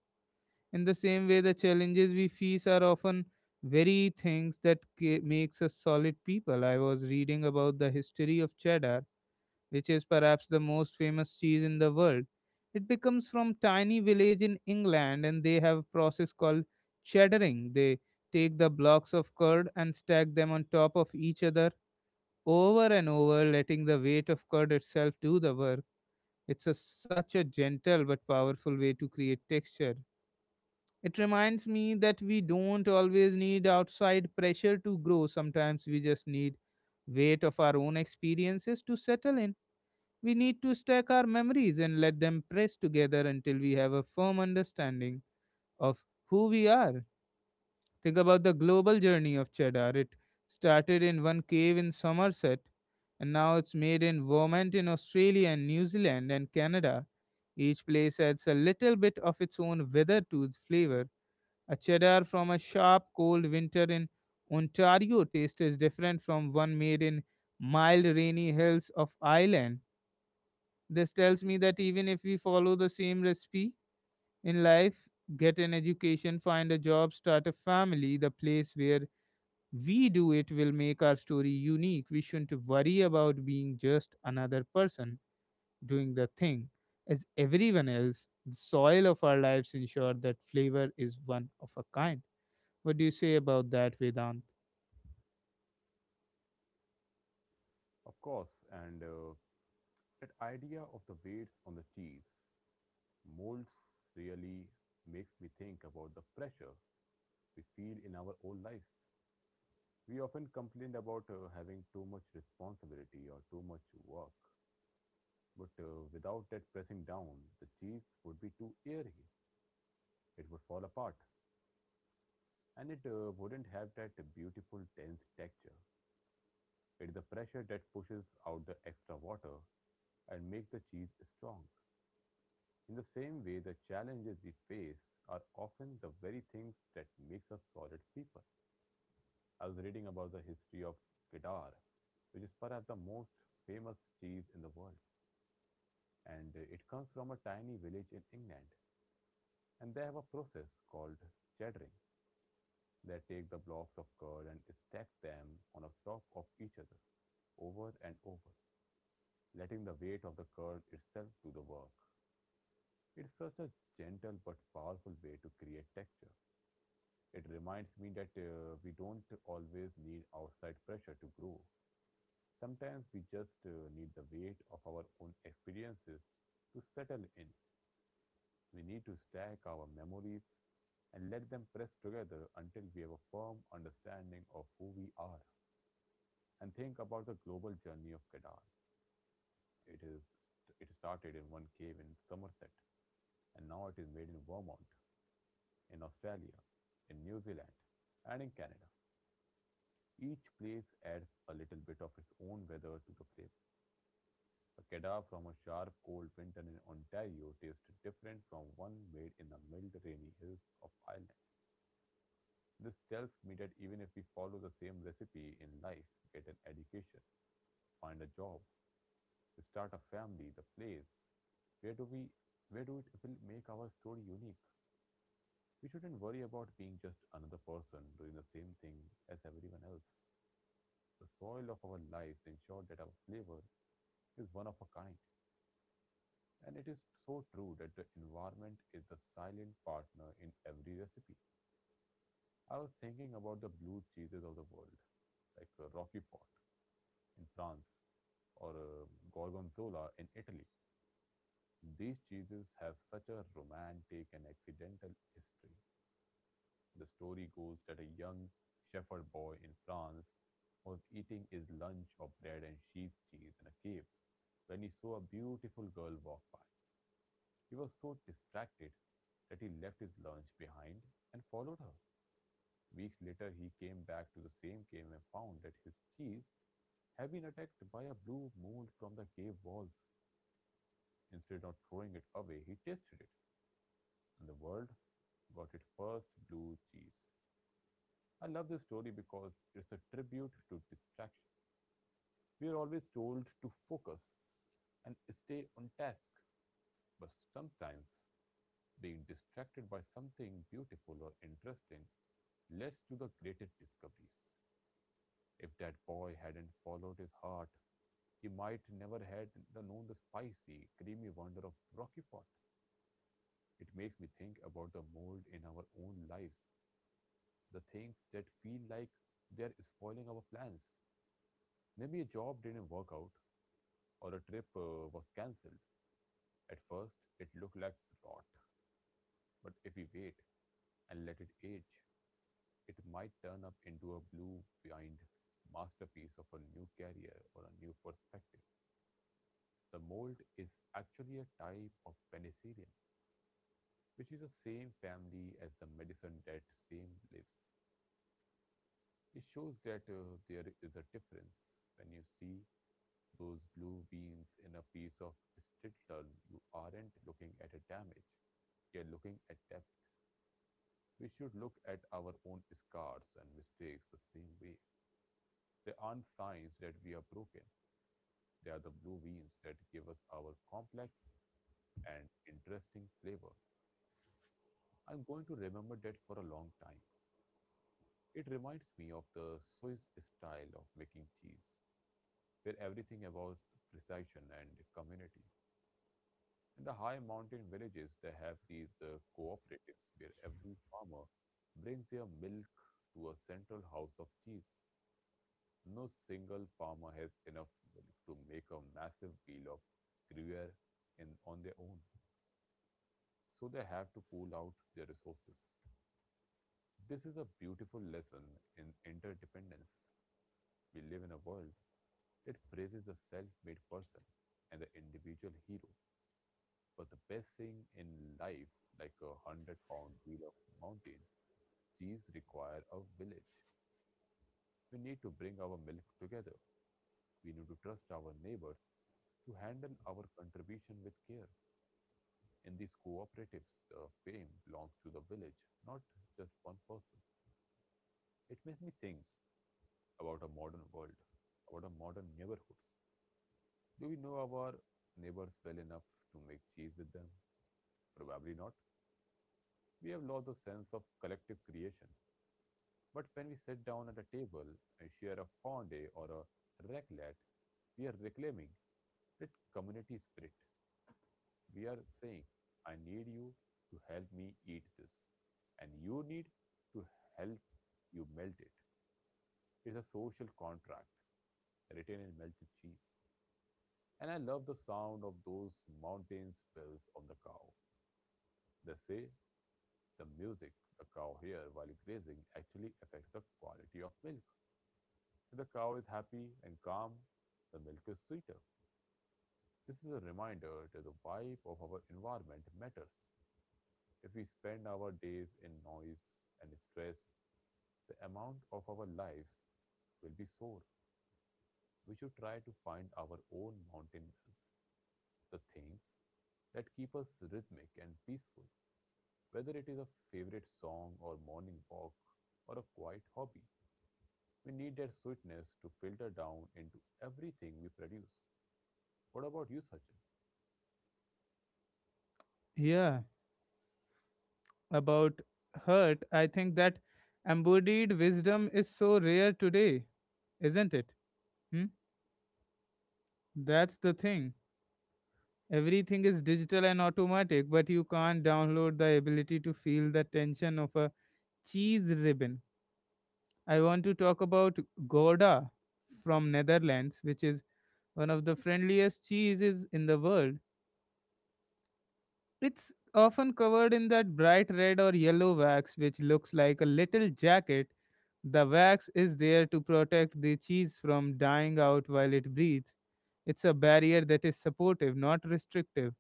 Speaker 1: In the same way, the challenges we face are often very things that makes us solid people. I was reading about the history of cheddar, which is perhaps the most famous cheese in the world. It becomes from tiny village in England and they have a process called cheddaring. They take the blocks of curd and stack them on top of each other over and over, letting the weight of curd itself do the work. It's such a gentle but powerful way to create texture. It reminds me that we don't always need outside pressure to grow. Sometimes we just need weight of our own experiences to settle in. We need to stack our memories and let them press together until we have a firm understanding of who we are. Think about the global journey of cheddar. It started in one cave in Somerset, and now it's made in Vermont, in Australia, and New Zealand, and Canada. Each place adds a little bit of its own weather-tooth to its flavor. A cheddar from a sharp, cold winter in Ontario taste is different from one made in mild, rainy hills of Ireland. This tells me that even if we follow the same recipe in life, get an education, find a job, start a family, the place where we do it will make our story unique. We shouldn't worry about being just another person doing the thing as everyone else. The soil of our lives ensure that flavor is one of a kind. What do you say about that, Vedant?
Speaker 2: Of course, and that idea of the weights on the cheese molds really makes me think about the pressure we feel in our own lives. We often complain about having too much responsibility or too much work, but without that pressing down, the cheese would be too airy. It would fall apart, and it wouldn't have that beautiful dense texture. It's the pressure that pushes out the extra water and makes the cheese strong. In the same way, the challenges we face are often the very things that makes us solid people. I was reading about the history of Kedar, which is perhaps the most famous cheese in the world. And it comes from a tiny village in England. And they have a process called cheddaring. They take the blocks of curd and stack them on top of each other, over and over, letting the weight of the curd itself do the work. It's such a gentle but powerful way to create texture. It reminds me that we don't always need outside pressure to grow. Sometimes we just need the weight of our own experiences to settle in. We need to stack our memories and let them press together until we have a firm understanding of who we are. And think about the global journey of Kedar. It is it started in one cave in Somerset, and now it is made in Vermont, in Australia, in New Zealand, and in Canada. Each place adds a little bit of its own weather to the flavor. A kedar from a sharp, cold winter in Ontario tastes different from one made in the mild, rainy hills of Ireland. This tells me that even if we follow the same recipe in life, get an education, find a job, start a family, the place, where do we where do it will make our story unique? We shouldn't worry about being just another person doing the same thing as everyone else. The soil of our lives ensure that our flavor is one of a kind. And it is so true that the environment is the silent partner in every recipe. I was thinking about the blue cheeses of the world, like Roquefort in France or Gorgonzola in Italy. These cheeses have such a romantic and accidental history. The story goes that a young shepherd boy in France was eating his lunch of bread and sheep's cheese in a cave when he saw a beautiful girl walk by. He was so distracted that he left his lunch behind and followed her. Weeks later, he came back to the same cave and found that his cheese had been attacked by a blue mold from the cave walls. Instead of throwing it away, he tasted it and the world got its first blue cheese. I love this story because it's a tribute to distraction. We are always told to focus and stay on task, but sometimes being distracted by something beautiful or interesting leads to the greatest discoveries. If that boy hadn't followed his heart, he might never had the known the spicy, creamy wonder of Rocky Fort. It makes me think about the mold in our own lives, the things that feel like they're spoiling our plans. Maybe a job didn't work out or a trip was cancelled. At first, it looked like rot, but if we wait and let it age, it might turn up into a blue vined masterpiece of a new career or a new perspective. The mold is actually a type of penicillium, which is the same family as the medicine that same lives. It shows that there is a difference when you see those blue veins in a piece of Stilton, you aren't looking at a damage. You're looking at depth. We should look at our own scars and mistakes the same way. They aren't signs that we are broken. They are the blue veins that give us our complex and interesting flavor. I'm going to remember that for a long time. It reminds me of the Swiss style of making cheese, where everything about precision and community. In the high mountain villages, they have these cooperatives where every farmer brings their milk to a central house of cheese. No single farmer has enough milk to make a massive wheel of gruyere in, on their own, so they have to pool out their resources. This is a beautiful lesson in interdependence. We live in a world that praises the self made person and the individual hero. But the best thing in life, like a 100-pound wheel of mountain, cheese require a village. We need to bring our milk together. We need to trust our neighbors to handle our contribution with care. In these cooperatives, the fame belongs to the village, not just one person. It makes me think about a modern world, about our modern neighborhoods. Do we know our neighbors well enough to make cheese with them? Probably not. We have lost the sense of collective creation. But when we sit down at a table and share a fondue or a raclette, we are reclaiming that community spirit. We are saying, I need you to help me eat this, and you need to help you melt it. It's a social contract written in melted cheese. And I love the sound of those mountain spells on the cow. They say the music the cow hears while grazing actually affects the quality of milk. If the cow is happy and calm, the milk is sweeter. This is a reminder that the vibe of our environment matters. If we spend our days in noise and stress, the amount of our lives will be sore. We should try to find our own mountain wells, the things that keep us rhythmic and peaceful. Whether it is a favorite song or morning walk or a quiet hobby, we need that sweetness to filter down into everything we produce. What about you, Sachin?
Speaker 1: Yeah, about hurt. I think that embodied wisdom is so rare today, isn't it? Hmm? That's the thing. Everything is digital and automatic, but you can't download the ability to feel the tension of a cheese ribbon. I want to talk about Gouda from Netherlands, which is one of the friendliest cheeses in the world. It's often covered in that bright red or yellow wax which looks like a little jacket. The wax is there to protect the cheese from dying out while it breathes. It's a barrier that is supportive, not restrictive.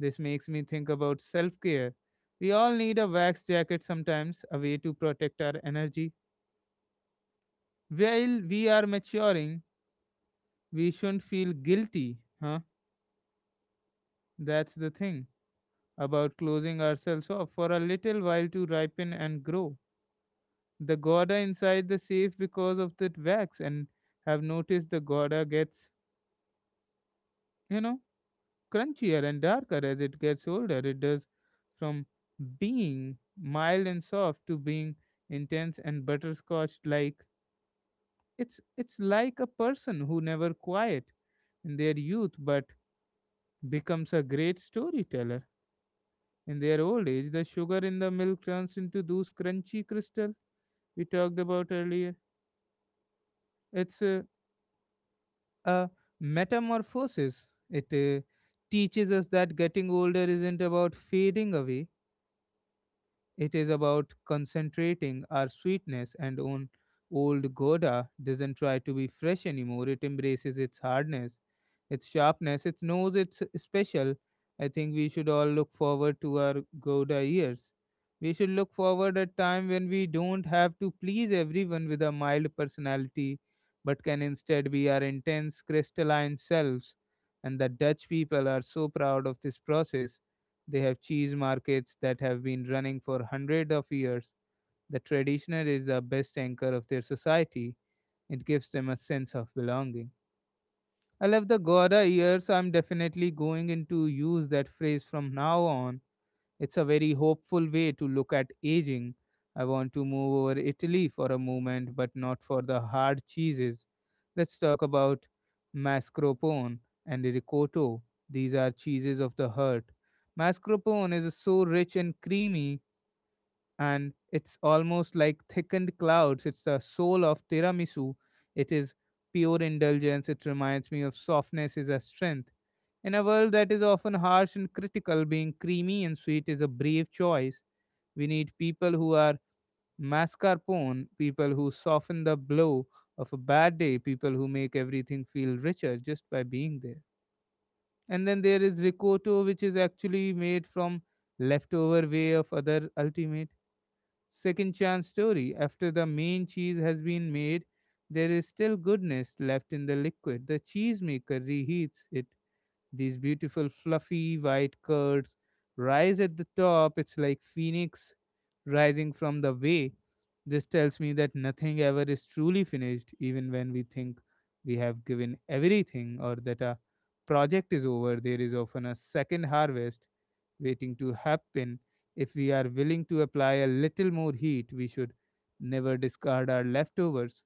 Speaker 1: This makes me think about self care. We all need a wax jacket sometimes, a way to protect our energy. While we are maturing, we shouldn't feel guilty, huh? That's the thing about closing ourselves off for a little while to ripen and grow. The Gouda inside the safe because of that wax, and have noticed the Gouda gets, you know, crunchier and darker as it gets older. It does from being mild and soft to being intense and butterscotch like. It's it's like a person who never quiet in their youth but becomes a great storyteller. In their old age, the sugar in the milk turns into those crunchy crystal we talked about earlier. It's a metamorphosis. It teaches us that getting older isn't about fading away. It is about concentrating our sweetness. And on old Goda doesn't try to be fresh anymore. It embraces its hardness, its sharpness, its nose, it's special. I think we should all look forward to our Gouda years. We should look forward a time when we don't have to please everyone with a mild personality, but can instead be our intense, crystalline selves. And the Dutch people are so proud of this process. They have cheese markets that have been running for hundreds of years. The traditioner is the best anchor of their society. It gives them a sense of belonging. I love the Gora years, so I'm definitely going into use that phrase from now on. It's a very hopeful way to look at aging. I want to move over Italy for a moment, but not for the hard cheeses. Let's talk about mascarpone and ricotta. These are cheeses of the heart. Mascarpone is so rich and creamy and it's almost like thickened clouds. It's the soul of tiramisu. It is pure indulgence. It reminds me of softness is a strength. In a world that is often harsh and critical, being creamy and sweet is a brave choice. We need people who are mascarpone, people who soften the blow of a bad day, people who make everything feel richer just by being there. And then there is ricotta, which is actually made from leftover way of other ultimate second chance story. After the main cheese has been made, there is still goodness left in the liquid. The cheesemaker reheats it. These beautiful fluffy white curds rise at the top. It's like phoenix rising from the way. This tells me that nothing ever is truly finished, even when we think we have given everything or that a project is over. There is often a second harvest waiting to happen. If we are willing to apply a little more heat, we should never discard our leftovers.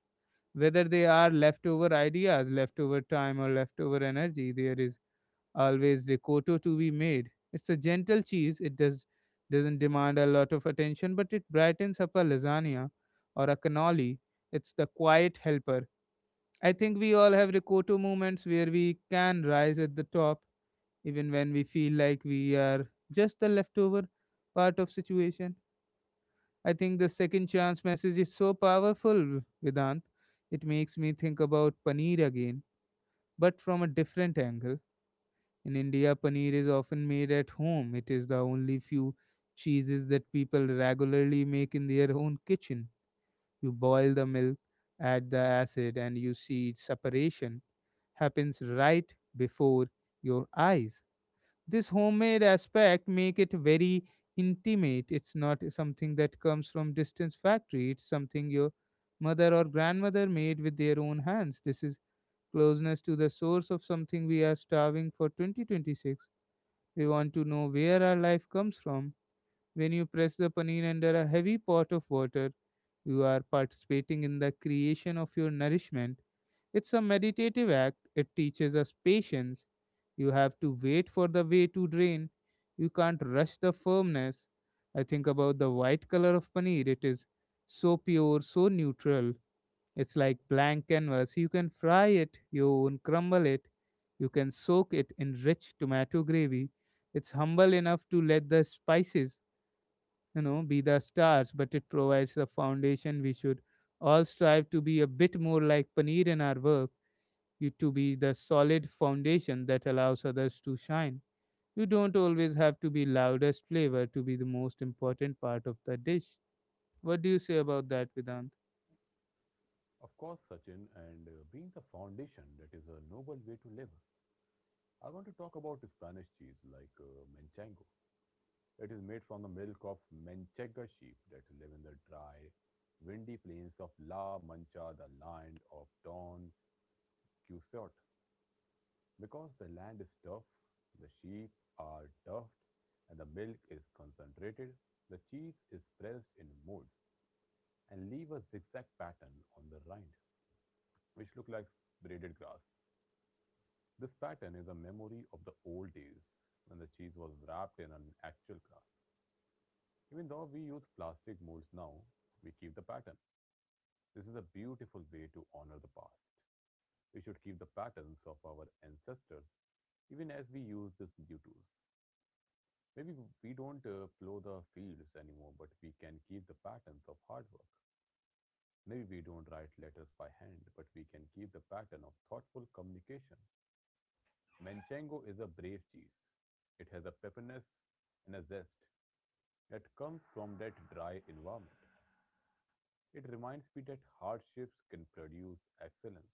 Speaker 1: Whether they are leftover ideas, leftover time, or leftover energy, there is always ricotta to be made. It's a gentle cheese. It doesn't demand a lot of attention, but it brightens up a lasagna or a cannoli. It's the quiet helper. I think we all have ricotta moments where we can rise at the top even when we feel like we are just the leftover part of situation. I think the second chance message is so powerful, Vedant. It makes me think about paneer again, but from a different angle. In India, paneer is often made at home. It is the only few cheeses that people regularly make in their own kitchen. You boil the milk, add the acid, and you see its separation happens right before your eyes. This homemade aspect make it very intimate. It's not something that comes from distance factory. It's something your mother or grandmother made with their own hands. This is closeness to the source of something we are starving for. 2026, we want to know where our life comes from. When you press the paneer under a heavy pot of water, you are participating in the creation of your nourishment. It's a meditative act, it teaches us patience. You have to wait for the way to drain. You can't rush the firmness. I think about the white color of paneer. It is so pure, so neutral. It's like blank canvas. You can fry it, you can crumble it. You can soak it in rich tomato gravy. It's humble enough to let the spices, be the stars, but it provides the foundation. We should all strive to be a bit more like paneer in our work, you to be the solid foundation that allows others to shine. You don't always have to be loudest flavor to be the most important part of the dish. What do you say about that, Vedant?
Speaker 2: Of course, Sachin, and being the foundation that is a noble way to live, I want to talk about Spanish cheese like manchego. It is made from the milk of manchega sheep that live in the dry, windy plains of La Mancha, the land of Don Quixote. Because the land is tough, the sheep are duffed, and the milk is concentrated, the cheese is pressed in molds and leave a zigzag pattern on the rind, which look like braided grass. This pattern is a memory of the old days when the cheese was wrapped in an actual craft. Even though we use plastic molds now, we keep the pattern. This is a beautiful way to honor the past. We should keep the patterns of our ancestors even as we use these new tools. Maybe we don't plow the fields anymore, but we can keep the patterns of hard work. Maybe we don't write letters by hand, but we can keep the pattern of thoughtful communication. Manchego is a brave cheese. It has a pepperness and a zest that comes from that dry environment. It reminds me that hardships can produce excellence.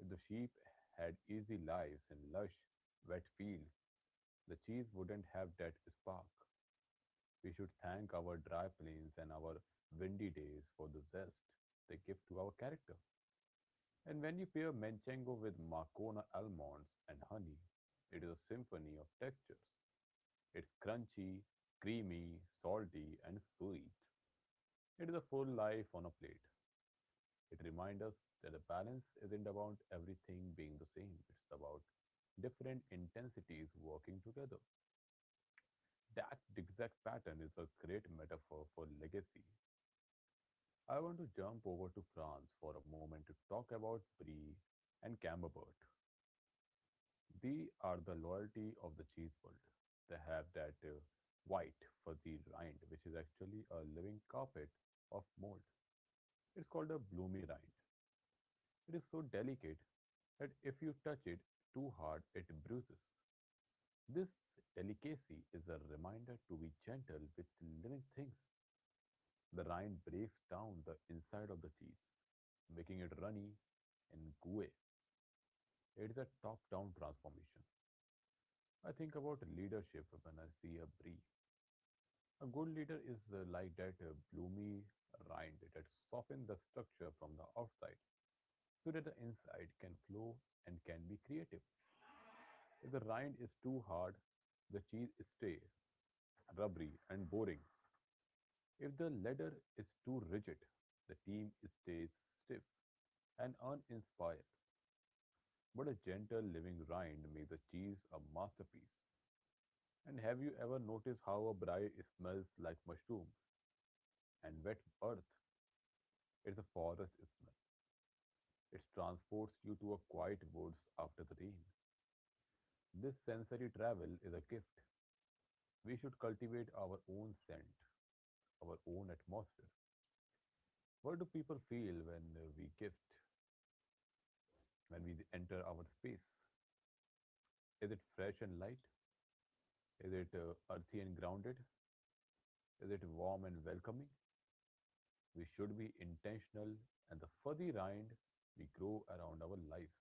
Speaker 2: If the sheep had easy lives in lush, wet fields, the cheese wouldn't have that spark. We should thank our dry plains and our windy days for the zest they give to our character. And when you pair manchego with Marcona almonds and honey, it is a symphony of textures. It's crunchy, creamy, salty, and sweet. It is a full life on a plate. It reminds us that the balance isn't about everything being the same, it's about different intensities working together. That zigzag pattern is a great metaphor for legacy. I want to jump over to France for a moment to talk about Brie and Camembert. They are the loyalty of the cheese world. They have that white, fuzzy rind, which is actually a living carpet of mold. It's called a bloomy rind. It is so delicate that if you touch it too hard, it bruises. This delicacy is a reminder to be gentle with living things. The rind breaks down the inside of the cheese, making it runny and gooey. It is a top down transformation. I think about leadership when I see a brie. A good leader is like that bloomy rind that softens the structure from the outside so that the inside can flow and can be creative. If the rind is too hard, the cheese stays rubbery and boring. If the ladder is too rigid, the team stays stiff and uninspired. But a gentle living rind makes the cheese a masterpiece. And have you ever noticed how a braai smells like mushroom and wet earth? It's a forest smell. It transports you to a quiet woods after the rain. This sensory travel is a gift. We should cultivate our own scent, our own atmosphere. What do people feel when we gift, when we enter our space? Is it fresh and light? Is it earthy and grounded? Is it warm and welcoming? We should be intentional and the fuzzy rind we grow around our lives.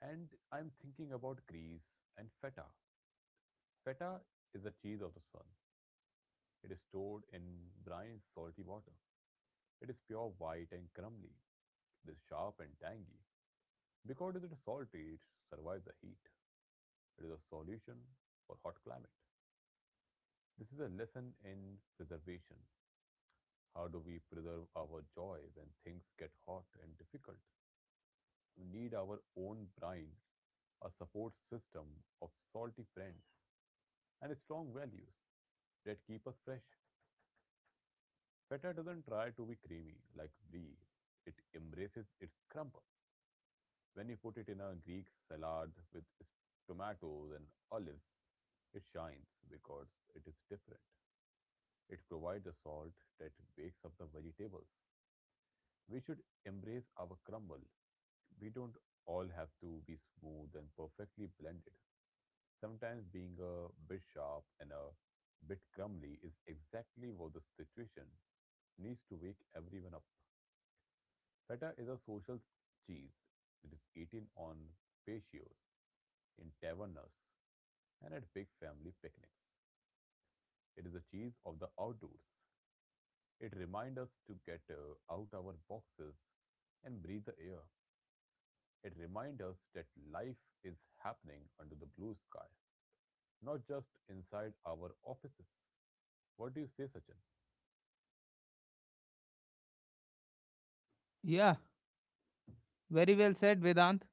Speaker 2: And I'm thinking about Greece and feta. Feta is the cheese of the sun. It is stored in brine salty water. It is pure white and crumbly. It is sharp and tangy. Because it is salty, it survives the heat. It is a solution for hot climate. This is a lesson in preservation. How do we preserve our joy when things get hot and difficult? We need our own brine, a support system of salty friends, and strong values that keep us fresh. Feta doesn't try to be creamy like brie. It embraces its crumble. When you put it in a Greek salad with tomatoes and olives, it shines because it is different. It provides a salt that wakes up the vegetables. We should embrace our crumble. We don't all have to be smooth and perfectly blended. Sometimes being a bit sharp and a bit crumbly is exactly what the situation needs to wake everyone up. Feta is a social cheese. It is eaten on patios, in tavernas, and at big family picnics. It is the cheese of the outdoors. It reminds us to get out our boxes and breathe the air. It reminds us that life is happening under the blue sky, not just inside our offices. What do you say, Sachin?
Speaker 1: Yeah, very well said, Vedant.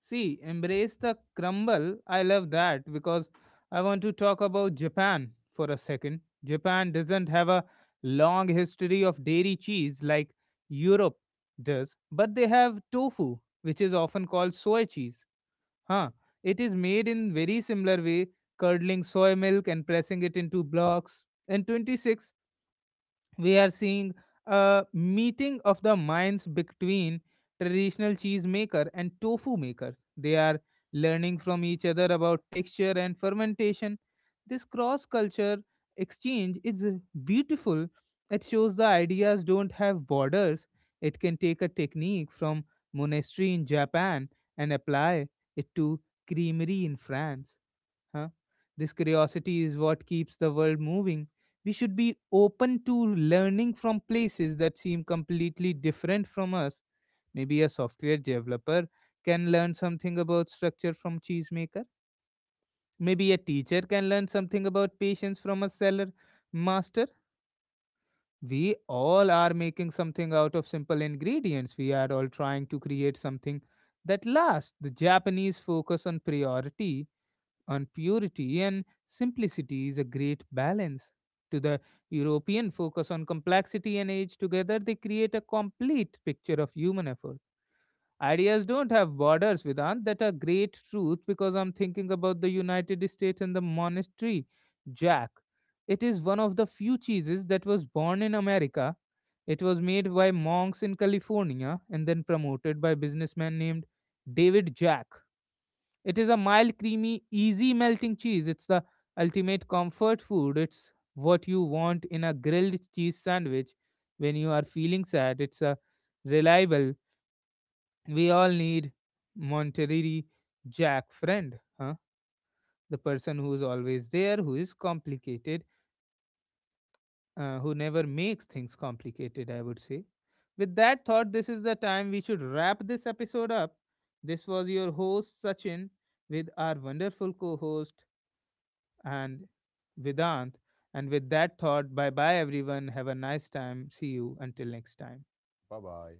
Speaker 1: See, embrace the crumble. I love that because I want to talk about Japan for a second. Japan doesn't have a long history of dairy cheese like Europe does, but they have tofu, which is often called soy cheese. Huh. It is made in very similar way, curdling soy milk and pressing it into blocks. And 26 we are seeing a meeting of the minds between traditional cheese maker and tofu makers. They are learning from each other about texture and fermentation. This cross culture exchange is beautiful. It shows the ideas don't have borders. It can take a technique from monastery in Japan and apply it to creamery in France. Huh? This curiosity is what keeps the world moving. We should be open to learning from places that seem completely different from us. Maybe a software developer can learn something about structure from cheesemaker. Maybe a teacher can learn something about patience from a seller master. We all are making something out of simple ingredients. We are all trying to create something that lasts. The Japanese focus on priority on purity and simplicity is a great balance. To the European focus on complexity and age, together they create a complete picture of human effort. Ideas don't have borders, Vedant. That a great truth because I'm thinking about the United States and the monastery, Jack. It is one of the few cheeses that was born in America. It was made by monks in California and then promoted by businessman named David Jack. It is a mild, creamy, easy melting cheese. It's the ultimate comfort food. It's what you want in a grilled cheese sandwich when you are feeling sad. It's a reliable. We all need Monterey Jack friend, huh? The person who is always there, who is complicated, who never makes things complicated, I would say. With that thought, this is the time we should wrap this episode up. This was your host, Sachin, with our wonderful co host and Vedant. And with that thought, bye bye everyone. Have a nice time. See you until next time.
Speaker 2: Bye bye.